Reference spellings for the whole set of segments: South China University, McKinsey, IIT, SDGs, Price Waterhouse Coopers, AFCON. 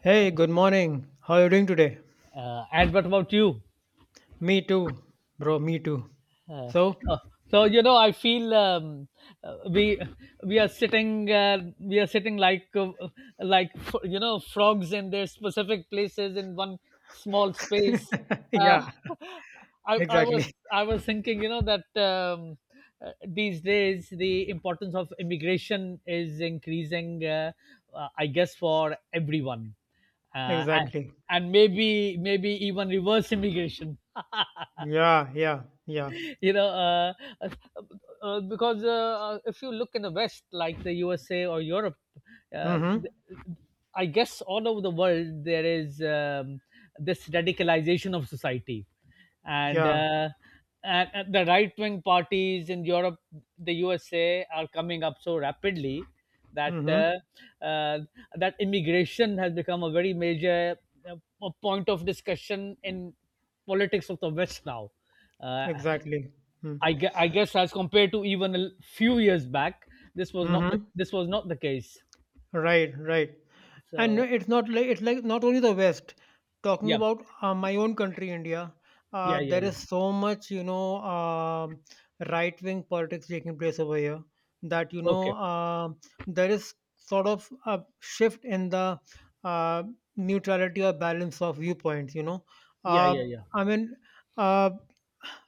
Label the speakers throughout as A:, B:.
A: Hey, good morning. How are you doing today?
B: And what about you?
A: Me too, bro. Me too.
B: Uh,
A: So,
B: oh, I feel uh, we we are sitting like frogs in their specific places in one small space. Uh,
A: yeah,
B: I, I was
A: exactly,
B: I was thinking, that these days the importance of immigration is increasing. I guess for everyone, uh, and,
A: exactly.
B: and maybe even reverse immigration.
A: Yeah, yeah, yeah.
B: you know, uh, uh, because if you look in the West, like the USA or Europe, uh,
A: Mm-hmm.
B: th- I guess all over the world there is this radicalization of society, and
A: Yeah.
B: uh, and the right wing parties in Europe, the USA are coming up so rapidly that
A: Mm-hmm.
B: uh, uh, that immigration has become a very major point of discussion in politics of the West now. Uh,
A: Exactly. Mm-hmm.
B: I guess as compared to even few years back, this was not the,
A: Mm-hmm.
B: this was not the case.
A: Right, right. And no,
B: So
A: it's not like it's like not only the west, talking
B: yeah,
A: about my own country India.
B: yeah, yeah,
A: There
B: yeah.
A: is so much right wing politics taking place over here. That you know
B: Okay.
A: There is sort of a shift in the uh, neutrality or balance of viewpoints you know
B: Yeah,
A: uh,
B: yeah,
A: I
B: yeah.
A: mean uh,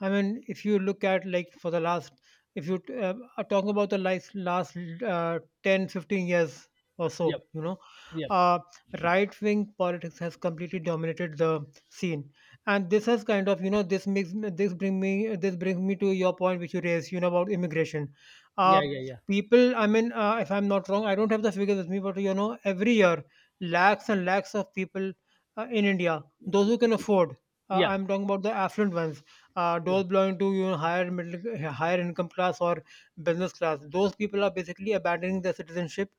A: I mean, if you look at if you are talking about last 10, 15 years or
B: Yep,
A: so,
B: yep.
A: uh, right wing politics has completely dominated the scene. And this has kind of, this brings me to your point which you raised, about immigration. Uh,
B: Yeah, yeah, yeah.
A: People, I mean, if I'm not wrong, I don't have the figures with me, but every year, lakhs and lakhs of people in India, those who can afford,
B: Yeah,
A: I'm talking about the affluent ones,
B: yeah.
A: those belonging to, higher income class or business class, those people are basically abandoning their citizenship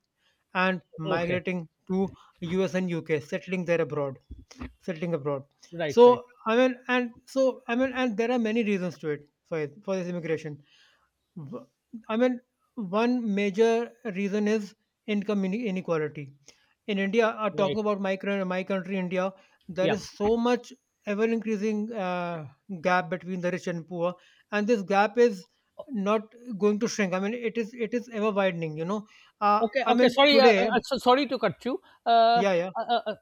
A: and
B: Okay.
A: migrating to US and UK, settling abroad.
B: Right, right,
A: So I mean, and there are many reasons to it for for this immigration. W- I mean, one major reason is income inequality. In India, talking
B: right.
A: about my country, India, there
B: Yeah.
A: is so much ever increasing gap between the rich and poor, and this gap is not going to shrink. I mean, it is ever widening.
B: Okay,
A: I
B: okay.
A: mean
B: Sorry,
A: today,
B: sorry to cut you.
A: yeah, yeah,
B: Uh, uh, uh,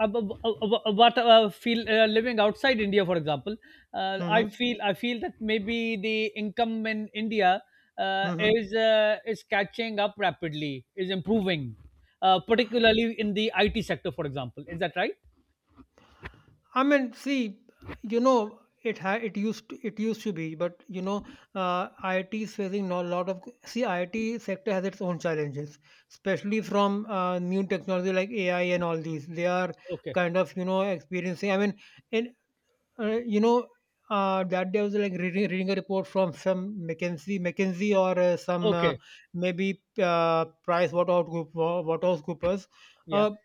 B: what feel Living outside India, for example, I
A: mm-hmm,
B: feel I feel that maybe the income in India
A: mm-hmm.
B: is catching up rapidly, is improving, particularly in the IT sector, for example. Is that right?
A: I mean, see, it used to be, but IIT is facing a lot of see, IIT sector has its own challenges, especially from new technology like AI and all these. They are
B: Okay,
A: kind of experiencing. I mean, in, you know. That day I was like reading a report from some McKinsey, or some
B: okay,
A: maybe Price Waterhouse Group, Waterhouse Coopers.
B: yeah.
A: uh,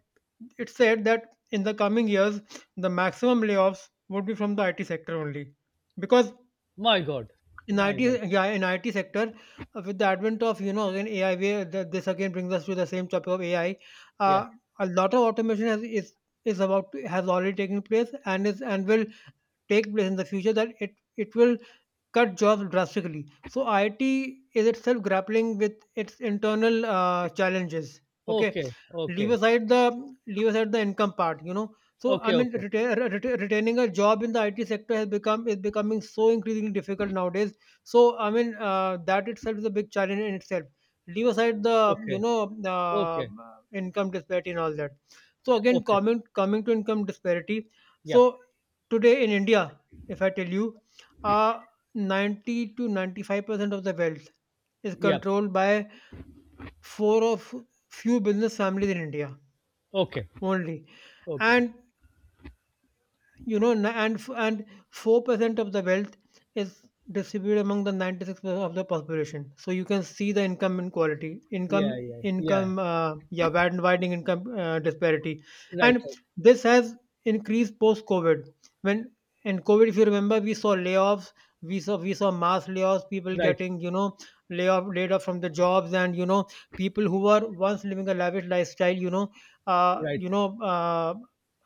A: it said that in the coming years, the maximum layoffs would be from the IT sector only, because
B: My God,
A: in
B: my
A: IT,
B: God,
A: yeah, in IT sector, with the advent of again AI, where this again brings us to the same topic of AI.
B: yeah.
A: Uh, a lot of automation has, is about to, has already taken place, and is and will take place in the future. That it will cut jobs drastically. So IT is itself grappling with its internal challenges. Okay,
B: Okay,
A: leave
B: okay,
A: aside the leave aside the income part. You know, so I
B: okay,
A: mean,
B: okay,
A: retaining a job in the IT sector has become is becoming so increasingly difficult nowadays. So I mean, that itself is a big challenge in itself. Leave aside the
B: okay, okay,
A: income disparity and all that. So again,
B: okay.
A: coming to income disparity.
B: Yep,
A: So today in India, if I tell you, uh, 90 to 95% of the wealth is
B: yep.
A: controlled by four of few business families in India
B: Okay.
A: only.
B: Okay.
A: And you know, na- and f- and 4% of the wealth is distributed among the 96% of the population. So you can see the income inequality,
B: Yeah,
A: income
B: yeah, yeah.
A: income yeah wide- widening income disparity,
B: Right,
A: and this has increased post COVID. When in COVID, if you remember, we saw layoffs, we saw mass layoffs, people
B: right,
A: getting layoff laid off from the jobs, and people who were once living a lavish lifestyle, uh,
B: right,
A: you
B: right.
A: know. Uh,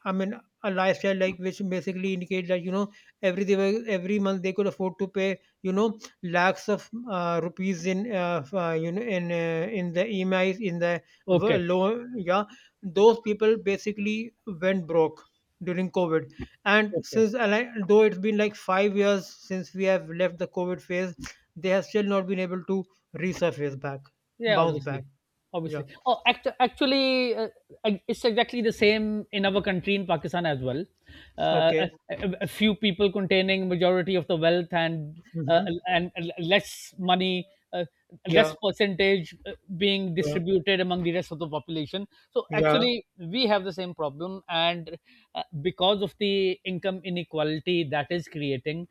A: I mean, a lifestyle which basically indicates that every month they could afford to pay lakhs of rupees in f- you know in the EMIs in the w-
B: Okay,
A: low yeah Those people basically went broke during COVID, and
B: okay.
A: though it's been like 5 years since we have left the COVID phase, they have still not been able to resurface back
B: Yeah,
A: bounce back.
B: obviously,
A: Yeah,
B: obviously. Oh, actually, it's exactly the same in our country in Pakistan as well.
A: okay.
B: A few people containing majority of the wealth uh,
A: Mm-hmm.
B: and less money, uh,
A: Yeah,
B: less percentage being
A: yeah,
B: distributed among the rest of the population. So
A: yeah.
B: actually, we have the same problem, and because of the income inequality that is creating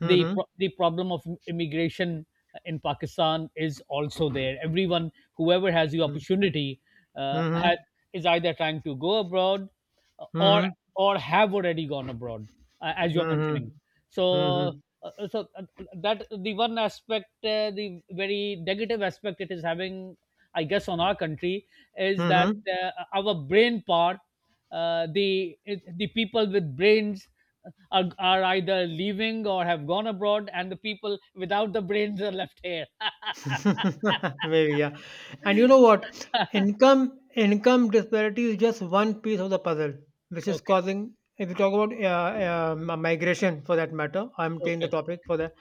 B: the
A: Mm-hmm.
B: pro- the problem of immigration in Pakistan is also there. Everyone, whoever has the
A: Mm-hmm.
B: opportunity, uh, ha-
A: Mhm.
B: is either trying to go abroad uh, or
A: Mhm.
B: or have already gone abroad, as you're mentioning.
A: Mhm.
B: So,
A: Mhm.
B: so, that the one aspect, the very negative aspect it is having, I guess, on our country is that
A: Mhm.
B: our brain part, the people with brains are either leaving or have gone abroad, and the people without the brains are left here.
A: Maybe, yeah. And you know what? Income disparity is just one piece of the puzzle, which is
B: Okay,
A: causing. If you talk about migration, for that matter, I'm taking the
B: okay,
A: topic for that.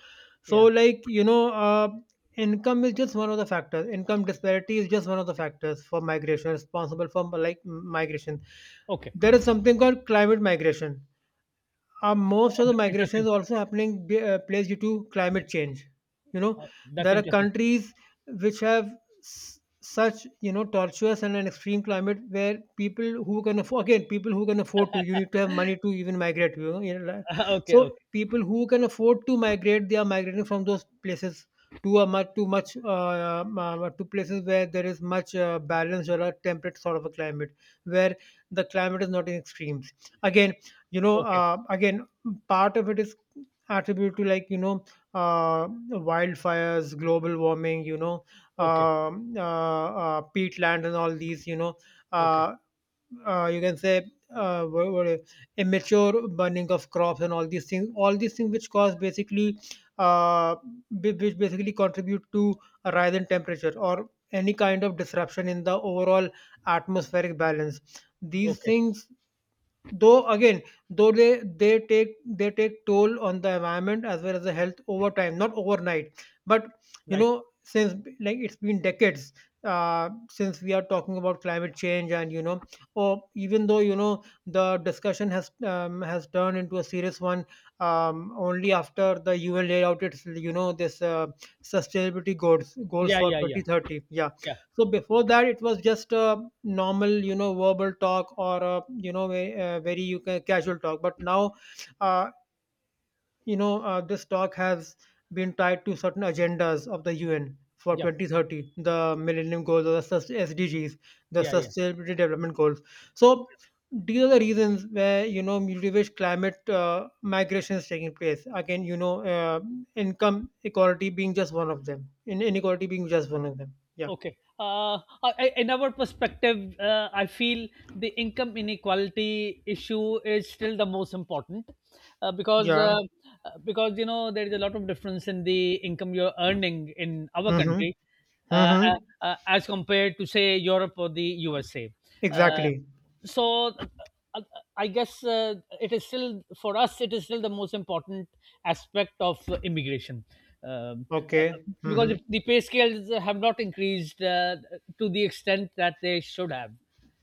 A: So,
B: yeah,
A: like, you know, income is just one of the factors. Income disparity is just one of the factors for migration, responsible for migration.
B: okay.
A: There is something called climate migration. Most of the migration is
B: Interesting.
A: also happening place due to climate change. You know,
B: That's
A: there are
B: interesting.
A: countries which have such, you know, tortuous and an extreme climate where people who can afford, again people who can afford to you need to have money to even migrate. You know, like,
B: Okay,
A: so
B: okay,
A: people who can afford to migrate, they are migrating from those places to a much to much to places where there is much, balance or a temperate sort of a climate where the climate is not in extremes. Again,
B: okay,
A: again, part of it is attributed to, like, you know, uh, wildfires, global warming, you know,
B: okay,
A: peatland and all these, you know,
B: okay,
A: uh, you can say, uh, what, what, immature burning of crops, and all these things which cause basically, uh, which basically contribute to a rise in temperature or any kind of disruption in the overall atmospheric balance, these
B: okay.
A: things. Though again, though they take toll on the environment as well as the health over time, not overnight. But you
B: Right.
A: know, since, like, it's been decades since we are talking about climate change, and you know, or even though, you know, the discussion has, has turned into a serious one, only after the UN laid out its, you know, this sustainability goals
B: Yeah,
A: for
B: yeah, yeah,
A: 2030. Yeah,
B: yeah,
A: so before that, it was just a normal, you know, verbal talk or a, you know, very, you casual talk. But now, uh, this talk has been tied to certain agendas of the UN for
B: yeah,
A: 2030, the Millennium Goals or the SDGs, the
B: yeah, yeah.
A: Sustainability Development Goals. So these are the reasons where, you know, due to which climate migration is taking place. Again, you know, income equality being just one of them, in inequality being just one of them. Yeah,
B: Okay. In our perspective, I feel the income inequality issue is still the most important, uh, because
A: yeah.
B: uh, because there is a lot of difference in the income you're earning in our
A: Hmm.
B: country, uh, uh,
A: Mhm.
B: as compared to say Europe or the USA. Uh,
A: Exactly.
B: so uh, uh, I guess it is still for us. It is still the most important aspect of immigration. Um
A: Okay.
B: because if
A: Mhm.
B: the pay scales have not increased to the extent that they should have,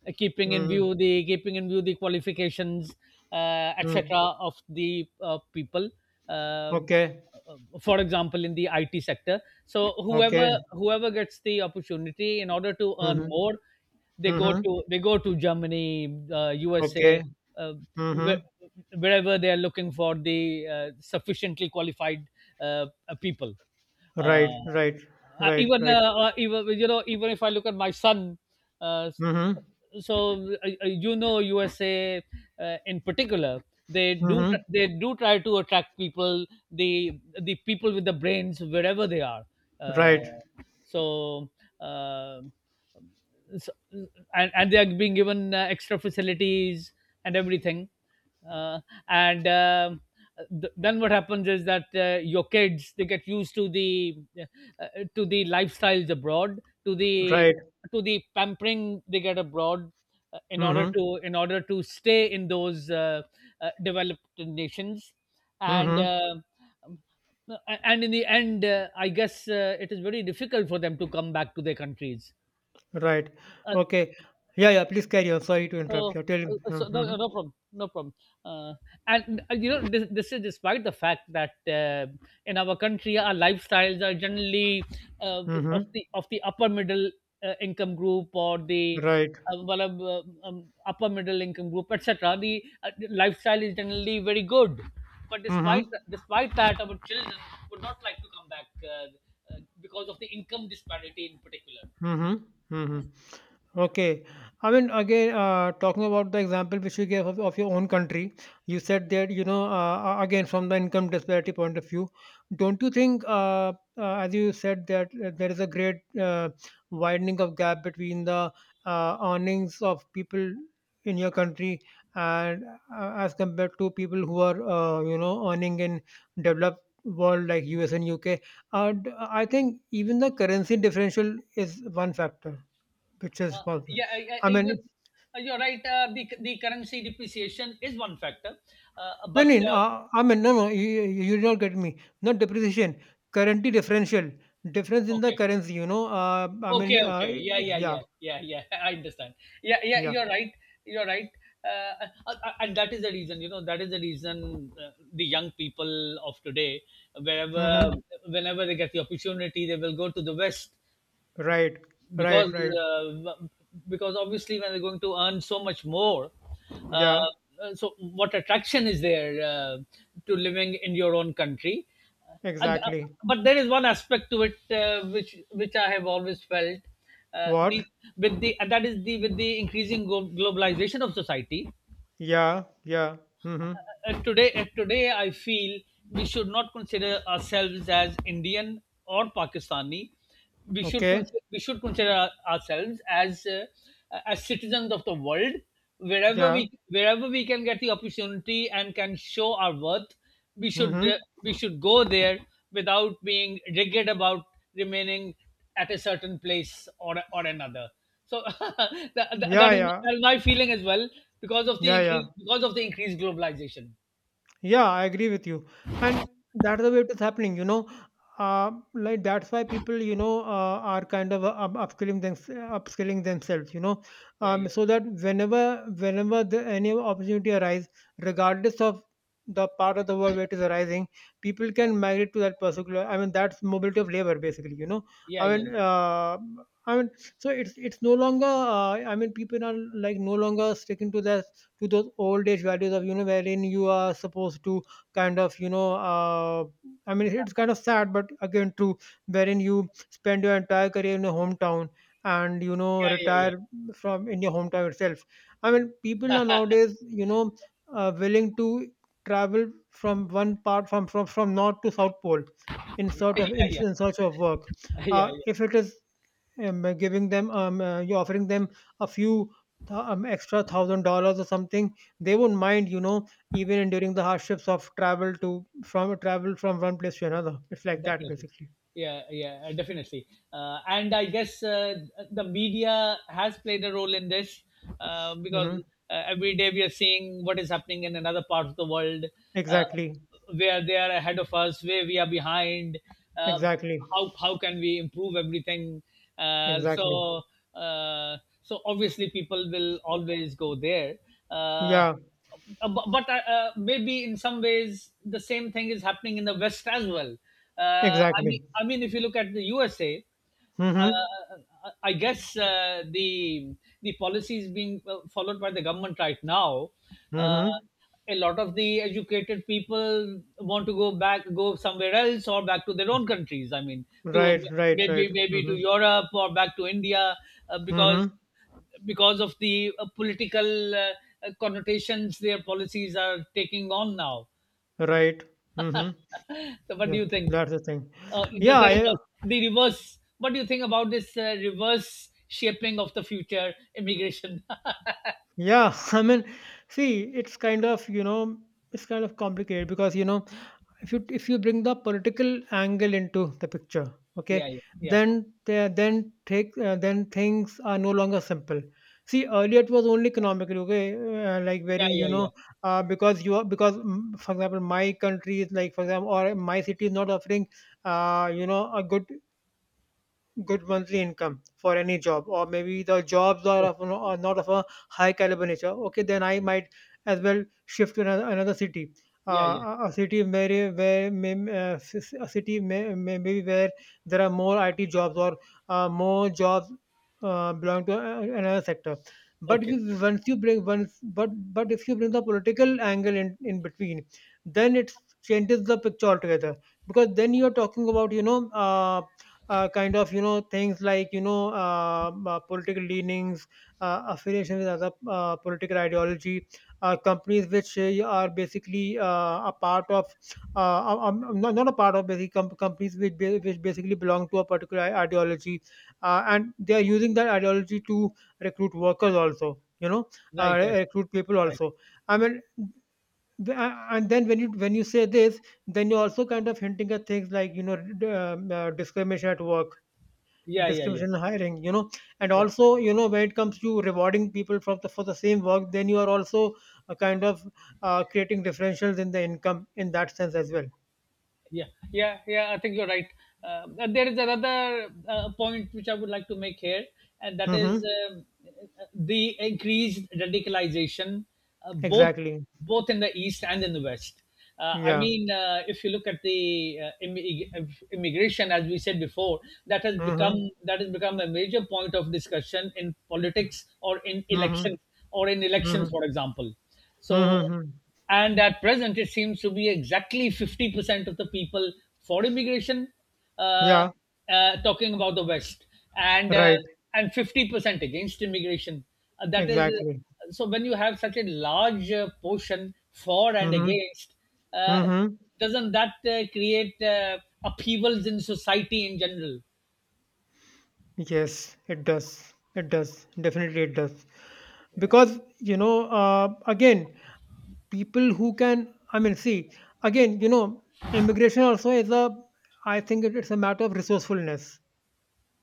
B: keeping in
A: Mhm.
B: view the keeping in view the qualifications,
A: Mhm.
B: etc. of the people. Um,
A: Okay.
B: for example, in the IT sector, so
A: Okay.
B: whoever gets the opportunity in order to earn
A: Mhm.
B: more, they go
A: Mhm.
B: to they go to Germany, USA,
A: Okay.
B: uh,
A: Mhm.
B: wherever they are looking for the sufficiently qualified people. Uh,
A: Right. Right. Right.
B: even
A: Right.
B: even you know even if I look at my son, uh,
A: Mhm.
B: USA in particular. They
A: Mhm.
B: they do try to attract people, the people with the brains wherever they are. Uh,
A: Right.
B: so uh, so, and they are being given extra facilities and everything, uh, and um, then what happens is that your kids they get used uh, to the lifestyles abroad, to the
A: Right.
B: pampering they get abroad, in order
A: Mhm.
B: to in order to stay in those developed nations, and
A: Mhm.
B: uh, um, and in the end, I guess it is very difficult for them to come back to their countries.
A: Right. Okay. Yeah. Yeah. Please carry on. Sorry to interrupt
B: So,
A: you. Tell me.
B: so, no,
A: Mhm.
B: no problem, no problem. Uh, this is despite the fact that in our country, our lifestyles are generally uh, of
A: Mhm.
B: the upper middle income group, or the
A: Right.
B: upper middle income group, etc. The lifestyle is generally very good, but despite
A: Mhm.
B: despite that, our children would not like to come back, because of the income disparity in particular.
A: Mhm. Mhm. Okay. I mean, again, talking about the example which you gave of your own country, you said that, you know, again, from the income disparity point of view, don't you think, as you said, that there is a great widening of gap between the earnings of people in your country and, as compared to people who are, you know, earning in developed world like US and UK? And I think even the currency differential is one factor which is
B: Uh,
A: possible.
B: yeah,
A: I mean,
B: you're right. The currency depreciation is one factor, uh,
A: no,
B: but
A: no, no,
B: uh,
A: I mean, no, no, you don't get me. Not depreciation, currency differential, difference in the
B: okay,
A: currency.
B: okay, okay. Yeah, yeah,
A: Yeah,
B: yeah, yeah, yeah. I understand. Yeah, yeah.
A: yeah.
B: You're right. You're right. And that is the reason, the young people of today, wherever,
A: Hmm.
B: whenever they get the opportunity, they will go to the West,
A: Right, right,
B: because
A: right.
B: uh, because obviously when they're going to earn so much more,
A: Yeah,
B: uh, so what attraction is there to living in your own country. uh,
A: exactly.
B: but there is one aspect to it, which I have always felt.
A: What?
B: The, with the and that is the With the increasing globalization of society
A: Yeah, yeah. Hmm.
B: today, I feel we should not consider ourselves as Indian or Pakistani. We should
A: Okay,
B: consider, we should consider our- ourselves as citizens of the world. Wherever
A: yeah.
B: we wherever we can get the opportunity and can show our worth, we should uh,
A: Hmm.
B: we should go there without being rigid about remaining at a certain place or another. So
A: Yeah, yeah,
B: that is my feeling as well, because of
A: yeah, yeah.
B: because of the increased globalization.
A: Yeah, I agree with you. And that's the way it is happening. Like, that's why people, you know, are kind of upskilling themselves, you know,
B: Yeah, yeah,
A: so that whenever, any opportunity arise, regardless of the part of the world where it is arising, people can migrate to that particular. I mean, that's mobility of labor, basically.
B: yeah,
A: I
B: yeah,
A: mean, uh, I mean, so it's no longer. I mean, people are like no longer sticking to those old age values of, wherein you are supposed to kind of, I mean, it's kind of sad but again true, wherein you spend your entire career in your hometown and,
B: yeah, yeah, yeah,
A: retire from in your hometown itself. I mean, people are nowadays, willing to travel from one part from north to south pole, in
B: yeah,
A: sort
B: yeah,
A: of, in,
B: yeah,
A: in search of work,
B: yeah. Yeah.
A: if it is, giving them you're offering them a few extra $1,000 or something. They won't mind, even during the hardships of travel from one place to another, it's like that,
B: Definitely.
A: basically.
B: Yeah, yeah, definitely. And I guess the media has played a role in this, because
A: Hmm.
B: every day we are seeing what is happening in another part of the world, uh,
A: Exactly.
B: where they are ahead of us, where we are behind. um,
A: Exactly.
B: how how can we improve everything? uh,
A: Exactly.
B: so uh, so obviously people will always go there. uh,
A: Yeah,
B: but maybe in some ways the same thing is happening in the West as well. I mean,
A: exactly.
B: I mean, if you look at the USA, uh,
A: Mm-hmm.
B: uh, I guess the policies being followed by the government right now, uh,
A: Mm-hmm.
B: a lot of the educated people want to go back, go somewhere else, or back to their own countries. I mean, to
A: Right, right, right.
B: maybe to
A: Mm-hmm.
B: Europe or back to India, uh, because
A: Mm-hmm.
B: because of the political connotations their policies are taking on now.
A: Right. Mm-hmm.
B: So what do
A: Yeah,
B: you think?
A: that's the thing.
B: Uh, the,
A: yeah
B: the
A: i
B: reverse, the reverse. What do you think about this reverse shaping of the future immigration?
A: Yeah, I mean, see, it's kind of, it's kind of complicated because, if you bring the political angle into the picture, okay,
B: Yeah, yeah, yeah,
A: then the- then take then things are no longer simple. See, earlier it was only economically, okay, like,
B: yeah,
A: wherein,
B: yeah, yeah.
A: because you are, because, for example, my country is like, for example, or my city is not offering, a good monthly income for any job, or maybe the jobs are,
B: Okay.
A: of, are not of a high caliber nature. Okay, then I might as well shift to another, city,
B: Yeah, yeah.
A: a city may, where may, s- a city, maybe, where there are more IT jobs, or more jobs belong to another sector. But if
B: Okay.
A: you, once you bring once but if you bring the political angle in between, then it changes the picture altogether, because then you are talking about, kind of, things like, political leanings, affiliation with other political ideology, companies which are basically a part of, not, not a part of, basically, companies which, which basically belong to a particular ideology, and they are using that ideology to recruit workers also,
B: Right, right,
A: recruit people
B: right.
A: also. I mean, and then when you, when you say this, then you're also kind of hinting at things like, discrimination at work,
B: Yeah, yeah, yeah,
A: discrimination in hiring, and
B: yeah.
A: also, when it comes to rewarding people for the same work, then you are also a kind of, creating differentials in the income in that sense as well.
B: Yeah, yeah, yeah, I think you're right. But there is another point which I would like to make here, and that is,
A: Mm-hmm.
B: um, the increased radicalization, uh, both
A: Exactly.
B: both in the East and in the West. I
A: Yeah.
B: mean, if you look at the immigration, as we said before, that has
A: Mm-hmm.
B: become that has become a major point of discussion in politics or in
A: Mm-hmm.
B: elections
A: Mm-hmm.
B: for example. So,
A: Mm-hmm.
B: and at present, it seems to be exactly 50% of the people for immigration, uh,
A: Yeah.
B: talking about the West, and
A: Right.
B: 50% against immigration. That is
A: Exactly.
B: So when you have such a large portion for and
A: Mm-hmm.
B: against, uh,
A: Mm-hmm.
B: doesn't that create upheavals in society in general?
A: Yes, it does. It does, definitely. It does, because, again, people who can, I mean, see, again, immigration also is a, I think it's a matter of resourcefulness.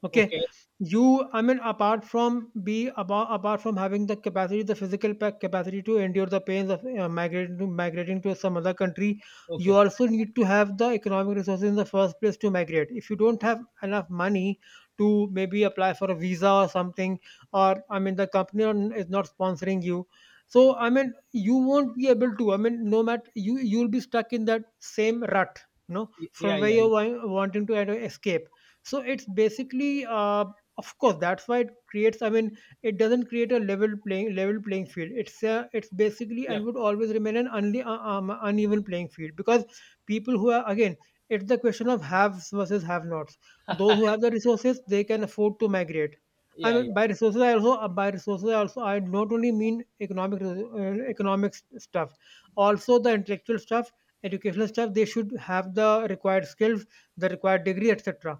A: Okay,
B: Okay,
A: you. I mean, apart from having the capacity, the physical capacity to endure the pains of migrating to some other country,
B: okay,
A: you also need to have the economic resources in the first place to migrate. If you don't have enough money to maybe apply for a visa or something, or I mean, the company is not sponsoring you. So I mean, you won't be able to. I mean, no matter, you, you'll be stuck in that same rut, you know,
B: yeah,
A: from where
B: yeah,
A: you're
B: yeah,
A: wanting to escape. So it's basically, of course, that's why it creates, I mean, it doesn't create a level playing field. It's basically,
B: yeah,
A: and would always remain, an uneven playing field, because people who are, again, it's the question of haves versus have nots those who have the resources, they can afford to migrate. I
B: yeah,
A: mean,
B: yeah,
A: by resources, I also, I not only mean economic economic stuff, also the intellectual stuff, educational stuff. They should have the required skills, the required degree, etc,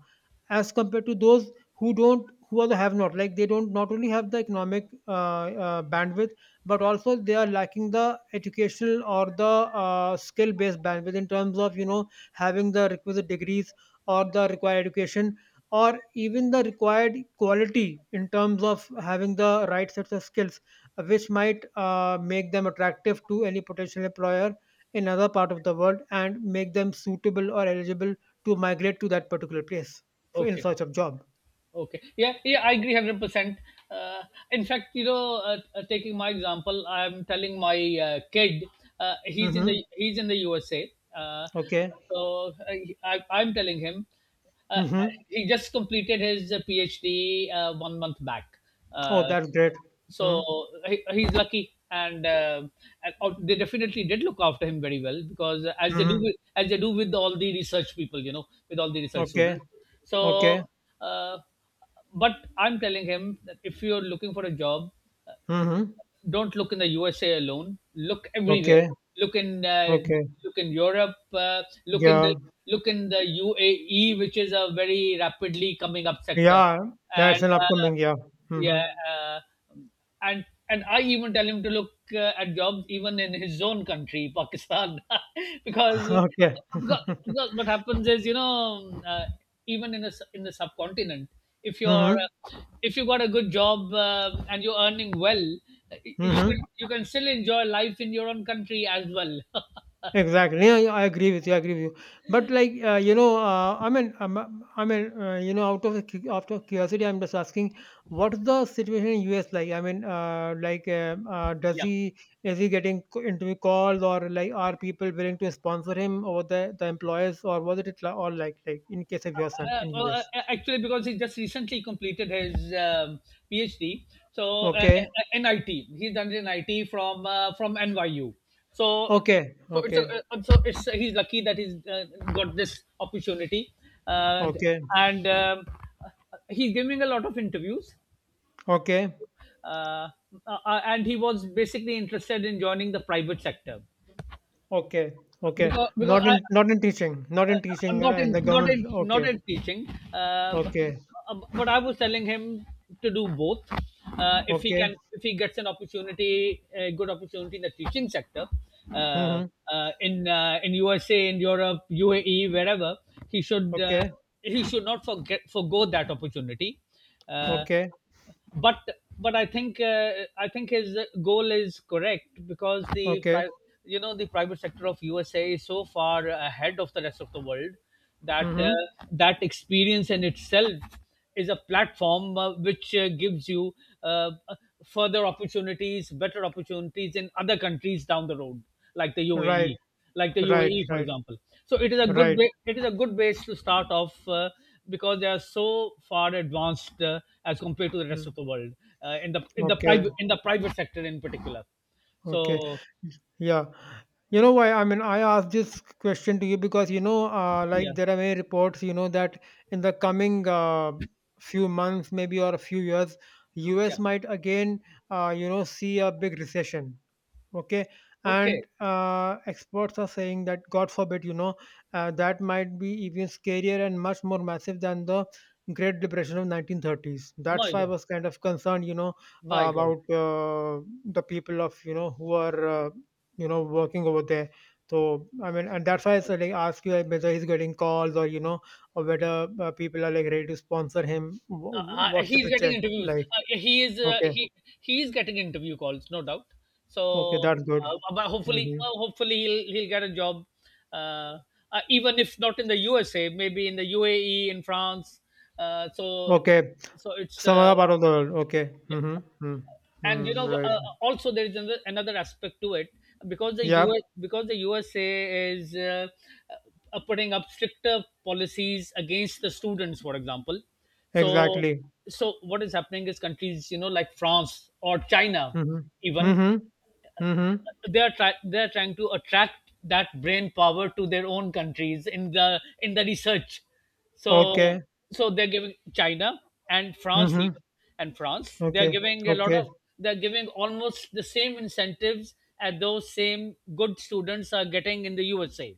A: as compared to those who don't, who also have not, like, they don't, not only have the economic bandwidth, but also they are lacking the educational, or the skill based bandwidth in terms of, having the requisite degrees, or the required education, or even the required quality in terms of having the right sets of skills, which might make them attractive to any potential employer in another part of the world, and make them suitable or eligible to migrate to that particular place, F in
B: okay.
A: search of job.
B: Okay. Yeah, yeah, I agree 100%. Uh, in fact, taking my example, I'm telling my kid. He's in
A: Mhm.
B: the he's in the USA.
A: Okay.
B: So I'm telling him, uh,
A: Mhm.
B: he just completed his PhD one month back.
A: Oh,
B: Uh,
A: that's great.
B: so,
A: Mm.
B: so he's lucky. And they definitely did look after him very well because
A: Mhm.
B: as they do with all the research people, with all the research
A: Okay.
B: students.
A: Okay.
B: So, uh, but I'm telling him that if you're looking for a job, uh,
A: Mhm.
B: don't look in the USA alone, look everywhere.
A: Okay.
B: Look in
A: Okay.
B: look in Europe, look in the
A: Yeah.
B: look in the UAE, which is a very rapidly coming up sector.
A: Yeah. Yeah, it's
B: And
A: an upcoming, yeah.
B: yeah,
A: Mhm.
B: uh, and and I even tell him to look at jobs even in his own country, Pakistan, because,
A: Okay.
B: because what happens is, even in in the subcontinent, if you're
A: Mhm.
B: if you got a good job and you're earning well,
A: Mhm.
B: you can still enjoy life in your own country as well.
A: Exactly. Yeah, yeah, I agree with you. I agree with you. But like, I mean, out of the out of curiosity, I'm just asking, what's the situation in US like? I mean, like, does
B: Yeah.
A: he is he getting into calls? Or like, are people willing to sponsor him, or the employers? Or was all, like, in case of your son in US?
B: Actually, because he just recently completed his PhD, so uh,
A: Okay,
B: IT. He's done it in IT from NYU. So,
A: okay,
B: so it's a,
A: okay,
B: so it's he's lucky that he's got this opportunity. Uh,
A: okay,
B: and He's giving a lot of interviews.
A: okay,
B: Uh, and he was basically interested in joining the private sector,
A: okay, okay.
B: because
A: Not
B: I,
A: in, not in teaching, not in teaching,
B: not in,
A: and the government.
B: not
A: Okay,
B: in teaching. Uh,
A: okay.
B: But I was telling him to do both,
A: Okay.
B: if he gets an opportunity, a good opportunity, in the teaching sector, uh,
A: Mm-hmm.
B: in USA, in Europe, UAE, wherever, he should,
A: Okay.
B: he should not forget forgo that opportunity. uh,
A: Okay.
B: but but I think, I think his goal is correct because
A: Okay.
B: the private sector of USA is so far ahead of the rest of the world that,
A: Mm-hmm.
B: that experience in itself is a platform which gives you uh, further opportunities, better opportunities in other countries down the road, like the
A: Right.
B: UAE, like the
A: Right.
B: UAE, for
A: Right.
B: example. So it is a
A: Right.
B: it is a good base to start off, because they are so far advanced, as compared to the rest of
A: Mm.
B: the world, in the
A: Okay.
B: private sector in particular.
A: Okay.
B: So
A: Yeah. You know why? I mean, I asked this question to you because,
B: yeah,
A: like, there are many reports, that in the coming few months, maybe, or a few years,
B: yeah,
A: U.S. might again, see a big recession. Okay.
B: okay,
A: And experts are saying that, god forbid, that might be even scarier and much more massive than the Great Depression of 1930s. That's
B: my
A: why I
B: God,
A: was kind of concerned,
B: my God.
A: about the people of, who are, working over there. So I mean, and that's why I said, like, ask you, like, whether he's getting calls or, or whether people are, like, ready to sponsor him. What's the
B: He's getting
A: picture
B: interviews.
A: like?
B: Yeah,
A: Okay.
B: he is getting interview calls, no doubt.
A: Okay,
B: So,
A: that's good.
B: but hopefully,
A: Hmm.
B: well, hopefully he'll get a job. Uh, Even if not in the USA, maybe in the UAE, in France. So,
A: Okay.
B: so it's
A: Some other part of the world. Okay.
B: Yeah.
A: Mm-hmm. Mm.
B: And
A: Mm, right.
B: also there is another aspect to it, because the
A: Yep.
B: us because the USA is, putting up stricter policies against the students, for example. So
A: Exactly.
B: what is happening is, countries you know like France or China
A: Mm-hmm.
B: even,
A: Mm-hmm. Mm-hmm.
B: they are they are trying to attract that brain power to their own countries, in the research. So
A: Okay.
B: they're giving, China and France
A: Mm-hmm.
B: even, and france they're
A: Okay.
B: giving a lot
A: Okay.
B: of, they're giving almost the same incentives as those same good students are getting in the USA.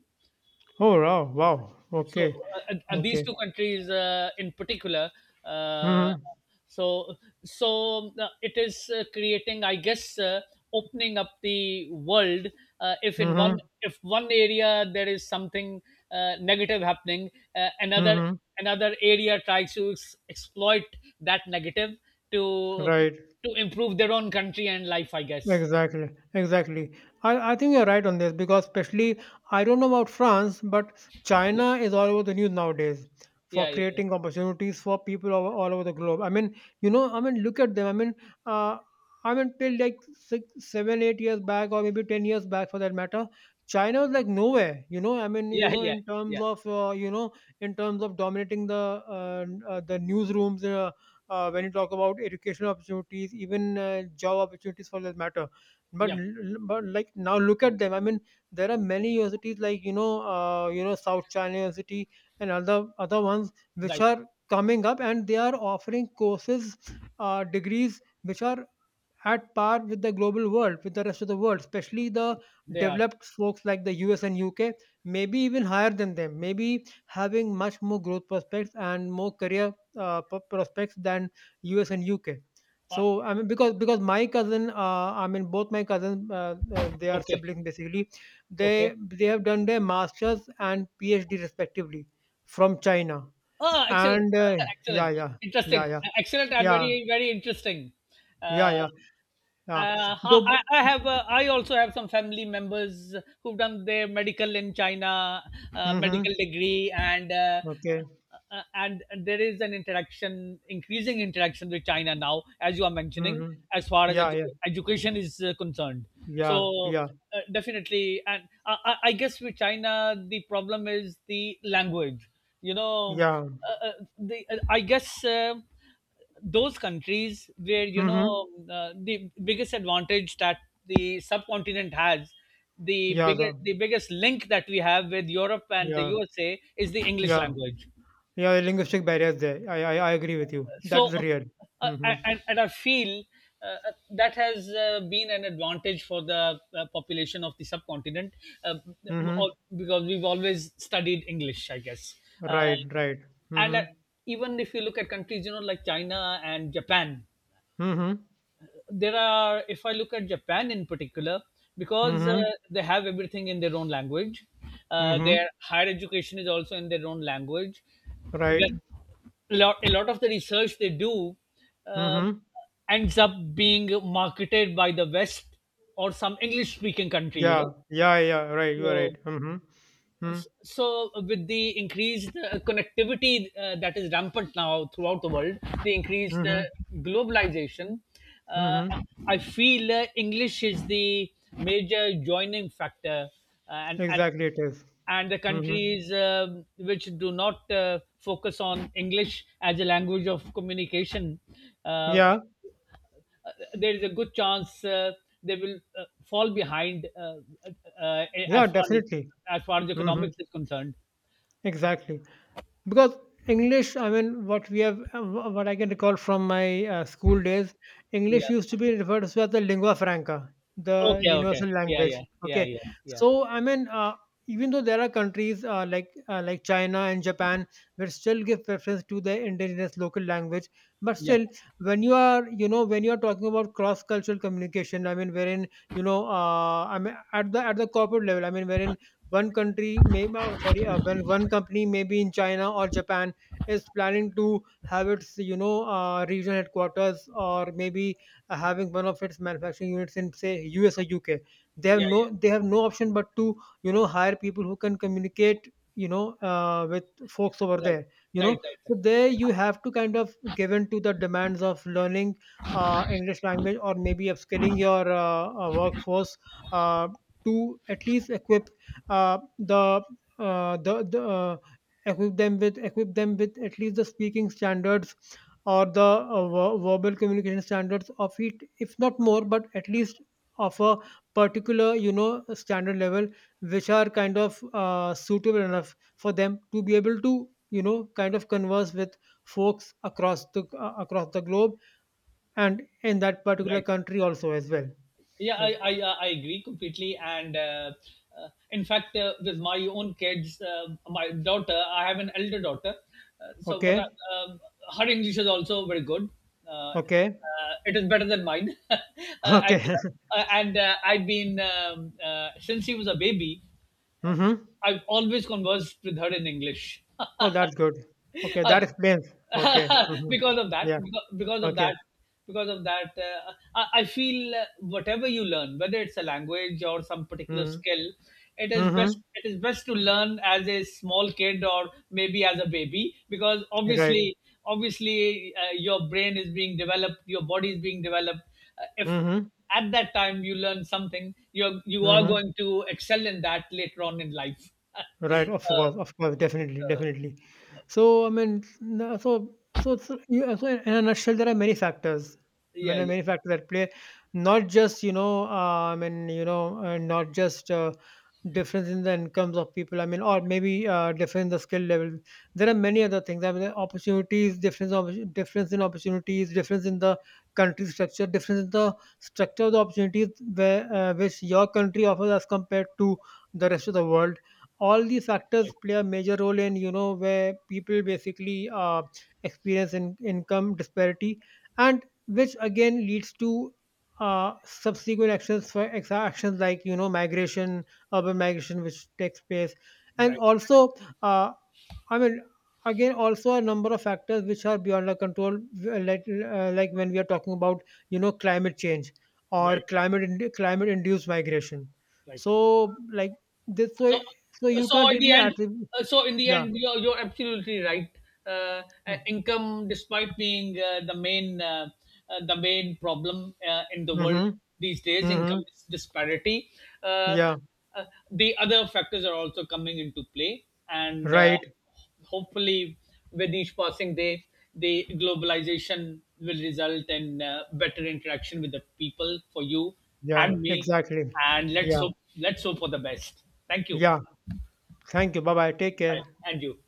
A: Oh wow. Wow.
B: So,
A: Okay.
B: these two
A: Okay.
B: countries in particular, uh,
A: Mm-hmm.
B: so it is creating, I guess, opening up the world. uh, if in one
A: Mm-hmm.
B: if one area there is something negative happening, uh, another
A: Mm-hmm.
B: another area tries to exploit that negative to
A: Right.
B: improve their own country and life, I guess.
A: Exactly, exactly. I think you're right on this, because, especially, I don't know about France, but China is all over the news nowadays for
B: Yeah, yeah, yeah,
A: creating opportunities for people all over the globe. I mean, you know, I mean, look at them. I mean, uh, till like 6, 7, 8 years back, or maybe 10 years back, for that matter, China was like nowhere, I mean,
B: yeah, yeah, yeah,
A: in terms
B: yeah.
A: of, in terms of dominating the newsrooms, when you talk about educational opportunities, even job opportunities, for that matter. But,
B: Yeah.
A: like, now look at them. I mean, there are many universities, like, South China University and other ones which
B: Right.
A: are coming up, and they are offering courses, degrees which are at par with the global world, with the rest of the world, especially the
B: they are
A: developed folks like the US and UK, maybe even higher than them, maybe having much more growth prospects and more career prospects than US and UK.
B: uh,
A: So I mean, because my cousin, I mean, both my cousins, they are
B: okay,
A: siblings, basically.
B: okay.
A: They have done their masters and PhD respectively from China.
B: Oh, excellent,
A: And yeah,
B: excellent,
A: yeah, yeah,
B: interesting,
A: yeah,
B: excellent, and
A: yeah,
B: very, very interesting.
A: yeah,
B: Uh,
A: yeah, yeah.
B: uh,
A: Though
B: I, I have. I also have some family members who've done their medical in China,
A: mm-hmm.
B: medical degree, and uh,
A: Okay.
B: uh, and there is an interaction, increasing interaction with China now, as you are mentioning,
A: Mm-hmm.
B: as far as
A: Yeah, yeah,
B: education is concerned.
A: yeah,
B: So,
A: yeah,
B: definitely, and I guess, with China, the problem is the language. You know,
A: yeah.
B: uh, uh, the I guess, those countries where,
A: Mm-hmm.
B: the biggest advantage that the subcontinent has,
A: Yeah, the,
B: the biggest link that we have with Europe and the
A: yeah,
B: USA, is the English
A: yeah,
B: language.
A: yeah. Linguistic barriers there. I agree with you. That
B: So,
A: is real.
B: uh,
A: Mm-hmm.
B: and I feel uh, that has been an advantage for the population of the subcontinent, uh,
A: Mm-hmm.
B: because we've always studied English, I guess. Uh,
A: Right, right.
B: and
A: Mm-hmm.
B: Even if you look at countries you know, like China and Japan,
A: Mm-hmm.
B: there are, if I look at Japan in particular, because
A: Mm-hmm.
B: they have everything in their own language,
A: Mm-hmm.
B: their higher education is also in their own language.
A: Right.
B: But a lot of the research they do, uh,
A: Mm-hmm.
B: ends up being marketed by the west, or some English speaking country, you
A: Yeah,
B: know.
A: yeah, yeah. Right. You are
B: So,
A: right. Mm-hmm. Mm-hmm.
B: with the increased connectivity that is rampant now throughout the world, the increased
A: Mm-hmm.
B: globalization, uh,
A: Mm-hmm.
B: I feel, English is the major joining factor. uh, and and
A: Exactly. It is.
B: and the
A: Mm-hmm.
B: countries which do not focus on English as a language of communication, uh,
A: Yeah.
B: there is a good chance they will fall behind, uh, uh,
A: Yeah.
B: as far as
A: Definitely.
B: as far as
A: Mm-hmm.
B: economics is concerned.
A: Exactly. Because English, I mean, what we have, what I can recall from my school days,
B: Yeah.
A: English used to be referred to as the lingua franca, the
B: Okay, okay.
A: universal
B: Yeah,
A: language,
B: yeah, yeah,
A: okay.
B: yeah, yeah.
A: So I mean, even though there are countries like, China and Japan, which still give preference to the indigenous local language, but
B: Yep.
A: still, when you are talking about cross cultural communication, I mean, wherein, I mean, at the corporate level, I mean, wherein, one country may, sorry, when one company, maybe in China or Japan, is planning to have its, regional headquarters, or maybe having one of its manufacturing units in, say, US or UK. They have
B: Yeah,
A: no they
B: yeah.
A: have no option but to, hire people who can communicate, with folks over
B: Right,
A: there,
B: right, right,
A: so
B: right.
A: there you have to kind of give in to the demands of learning English language, or maybe upskilling your workforce uh, to at least equip, uh, the the equip them with, at least the speaking standards, or the verbal communication standards of it, if not more, but at least of a particular, standard level, which are kind of, suitable enough for them to be able to, kind of converse with folks across the, across the globe, and in that particular
B: Right.
A: country also as well.
B: Yeah, I,
A: Like.
B: I, I I agree completely. And in fact, with my own kids, my daughter, I have an elder daughter. So, but
A: Okay.
B: um, Her English is also very good.
A: Okay.
B: It is better than mine. And
A: Okay.
B: and I've been, since she was a baby,
A: Mm-hmm.
B: I've always conversed with her in English.
A: Oh, that's good. Okay,
B: Uh,
A: that explains. Okay. Mhm.
B: because of that
A: Yeah.
B: beca- because of that
A: Okay.
B: because of that, I feel, whatever you learn, whether it's a language or some particular
A: Mhm.
B: skill,
A: Mhm.
B: it is best to learn as a small kid, or maybe as a baby, because
A: Right.
B: obviously, your brain is being developed, your body is being developed. If
A: Mhm.
B: at that time you learn something, you are
A: Mhm.
B: going to excel in that later on in life.
A: Right,
B: uh,
A: of course, definitely, definitely. So, I mean, so in a nutshell, there are many factors,
B: yeah,
A: many,
B: yeah,
A: many factors that play, not just, difference in the incomes of people, I mean, or maybe difference in the skill level. There are many other things. I mean, there are opportunities, difference in opportunities, difference in the country structure, difference in the structure of the opportunities which your country offers as compared to the rest of the world. All these factors play a major role in, where people basically, experience in income disparity, and which again leads to subsequent actions, for actions like, migration, urban migration, which takes place. And also, uh, I mean, again, also a number of factors which are beyond our control, like, when we are talking about, climate change, or climate induced migration.
B: right.
A: So, like this, so
B: So,
A: so you
B: so
A: can't
B: in the
A: really
B: end
A: attribute.
B: so in the
A: Yeah.
B: end, you're absolutely right. uh, Income, despite being the main, the main problem in the world
A: Mm-hmm.
B: these days,
A: Mm-hmm.
B: income disparity, uh,
A: Yeah.
B: uh, the other factors are also coming into play. And
A: Right.
B: Hopefully, with each passing day, the globalization will result in better interaction with the people, for you
A: Yeah.
B: and me.
A: Exactly.
B: and let's
A: Yeah.
B: hope let's hope for the best. Thank you.
A: Yeah. Thank you. Bye bye. Take
B: Bye.
A: care.
B: And you.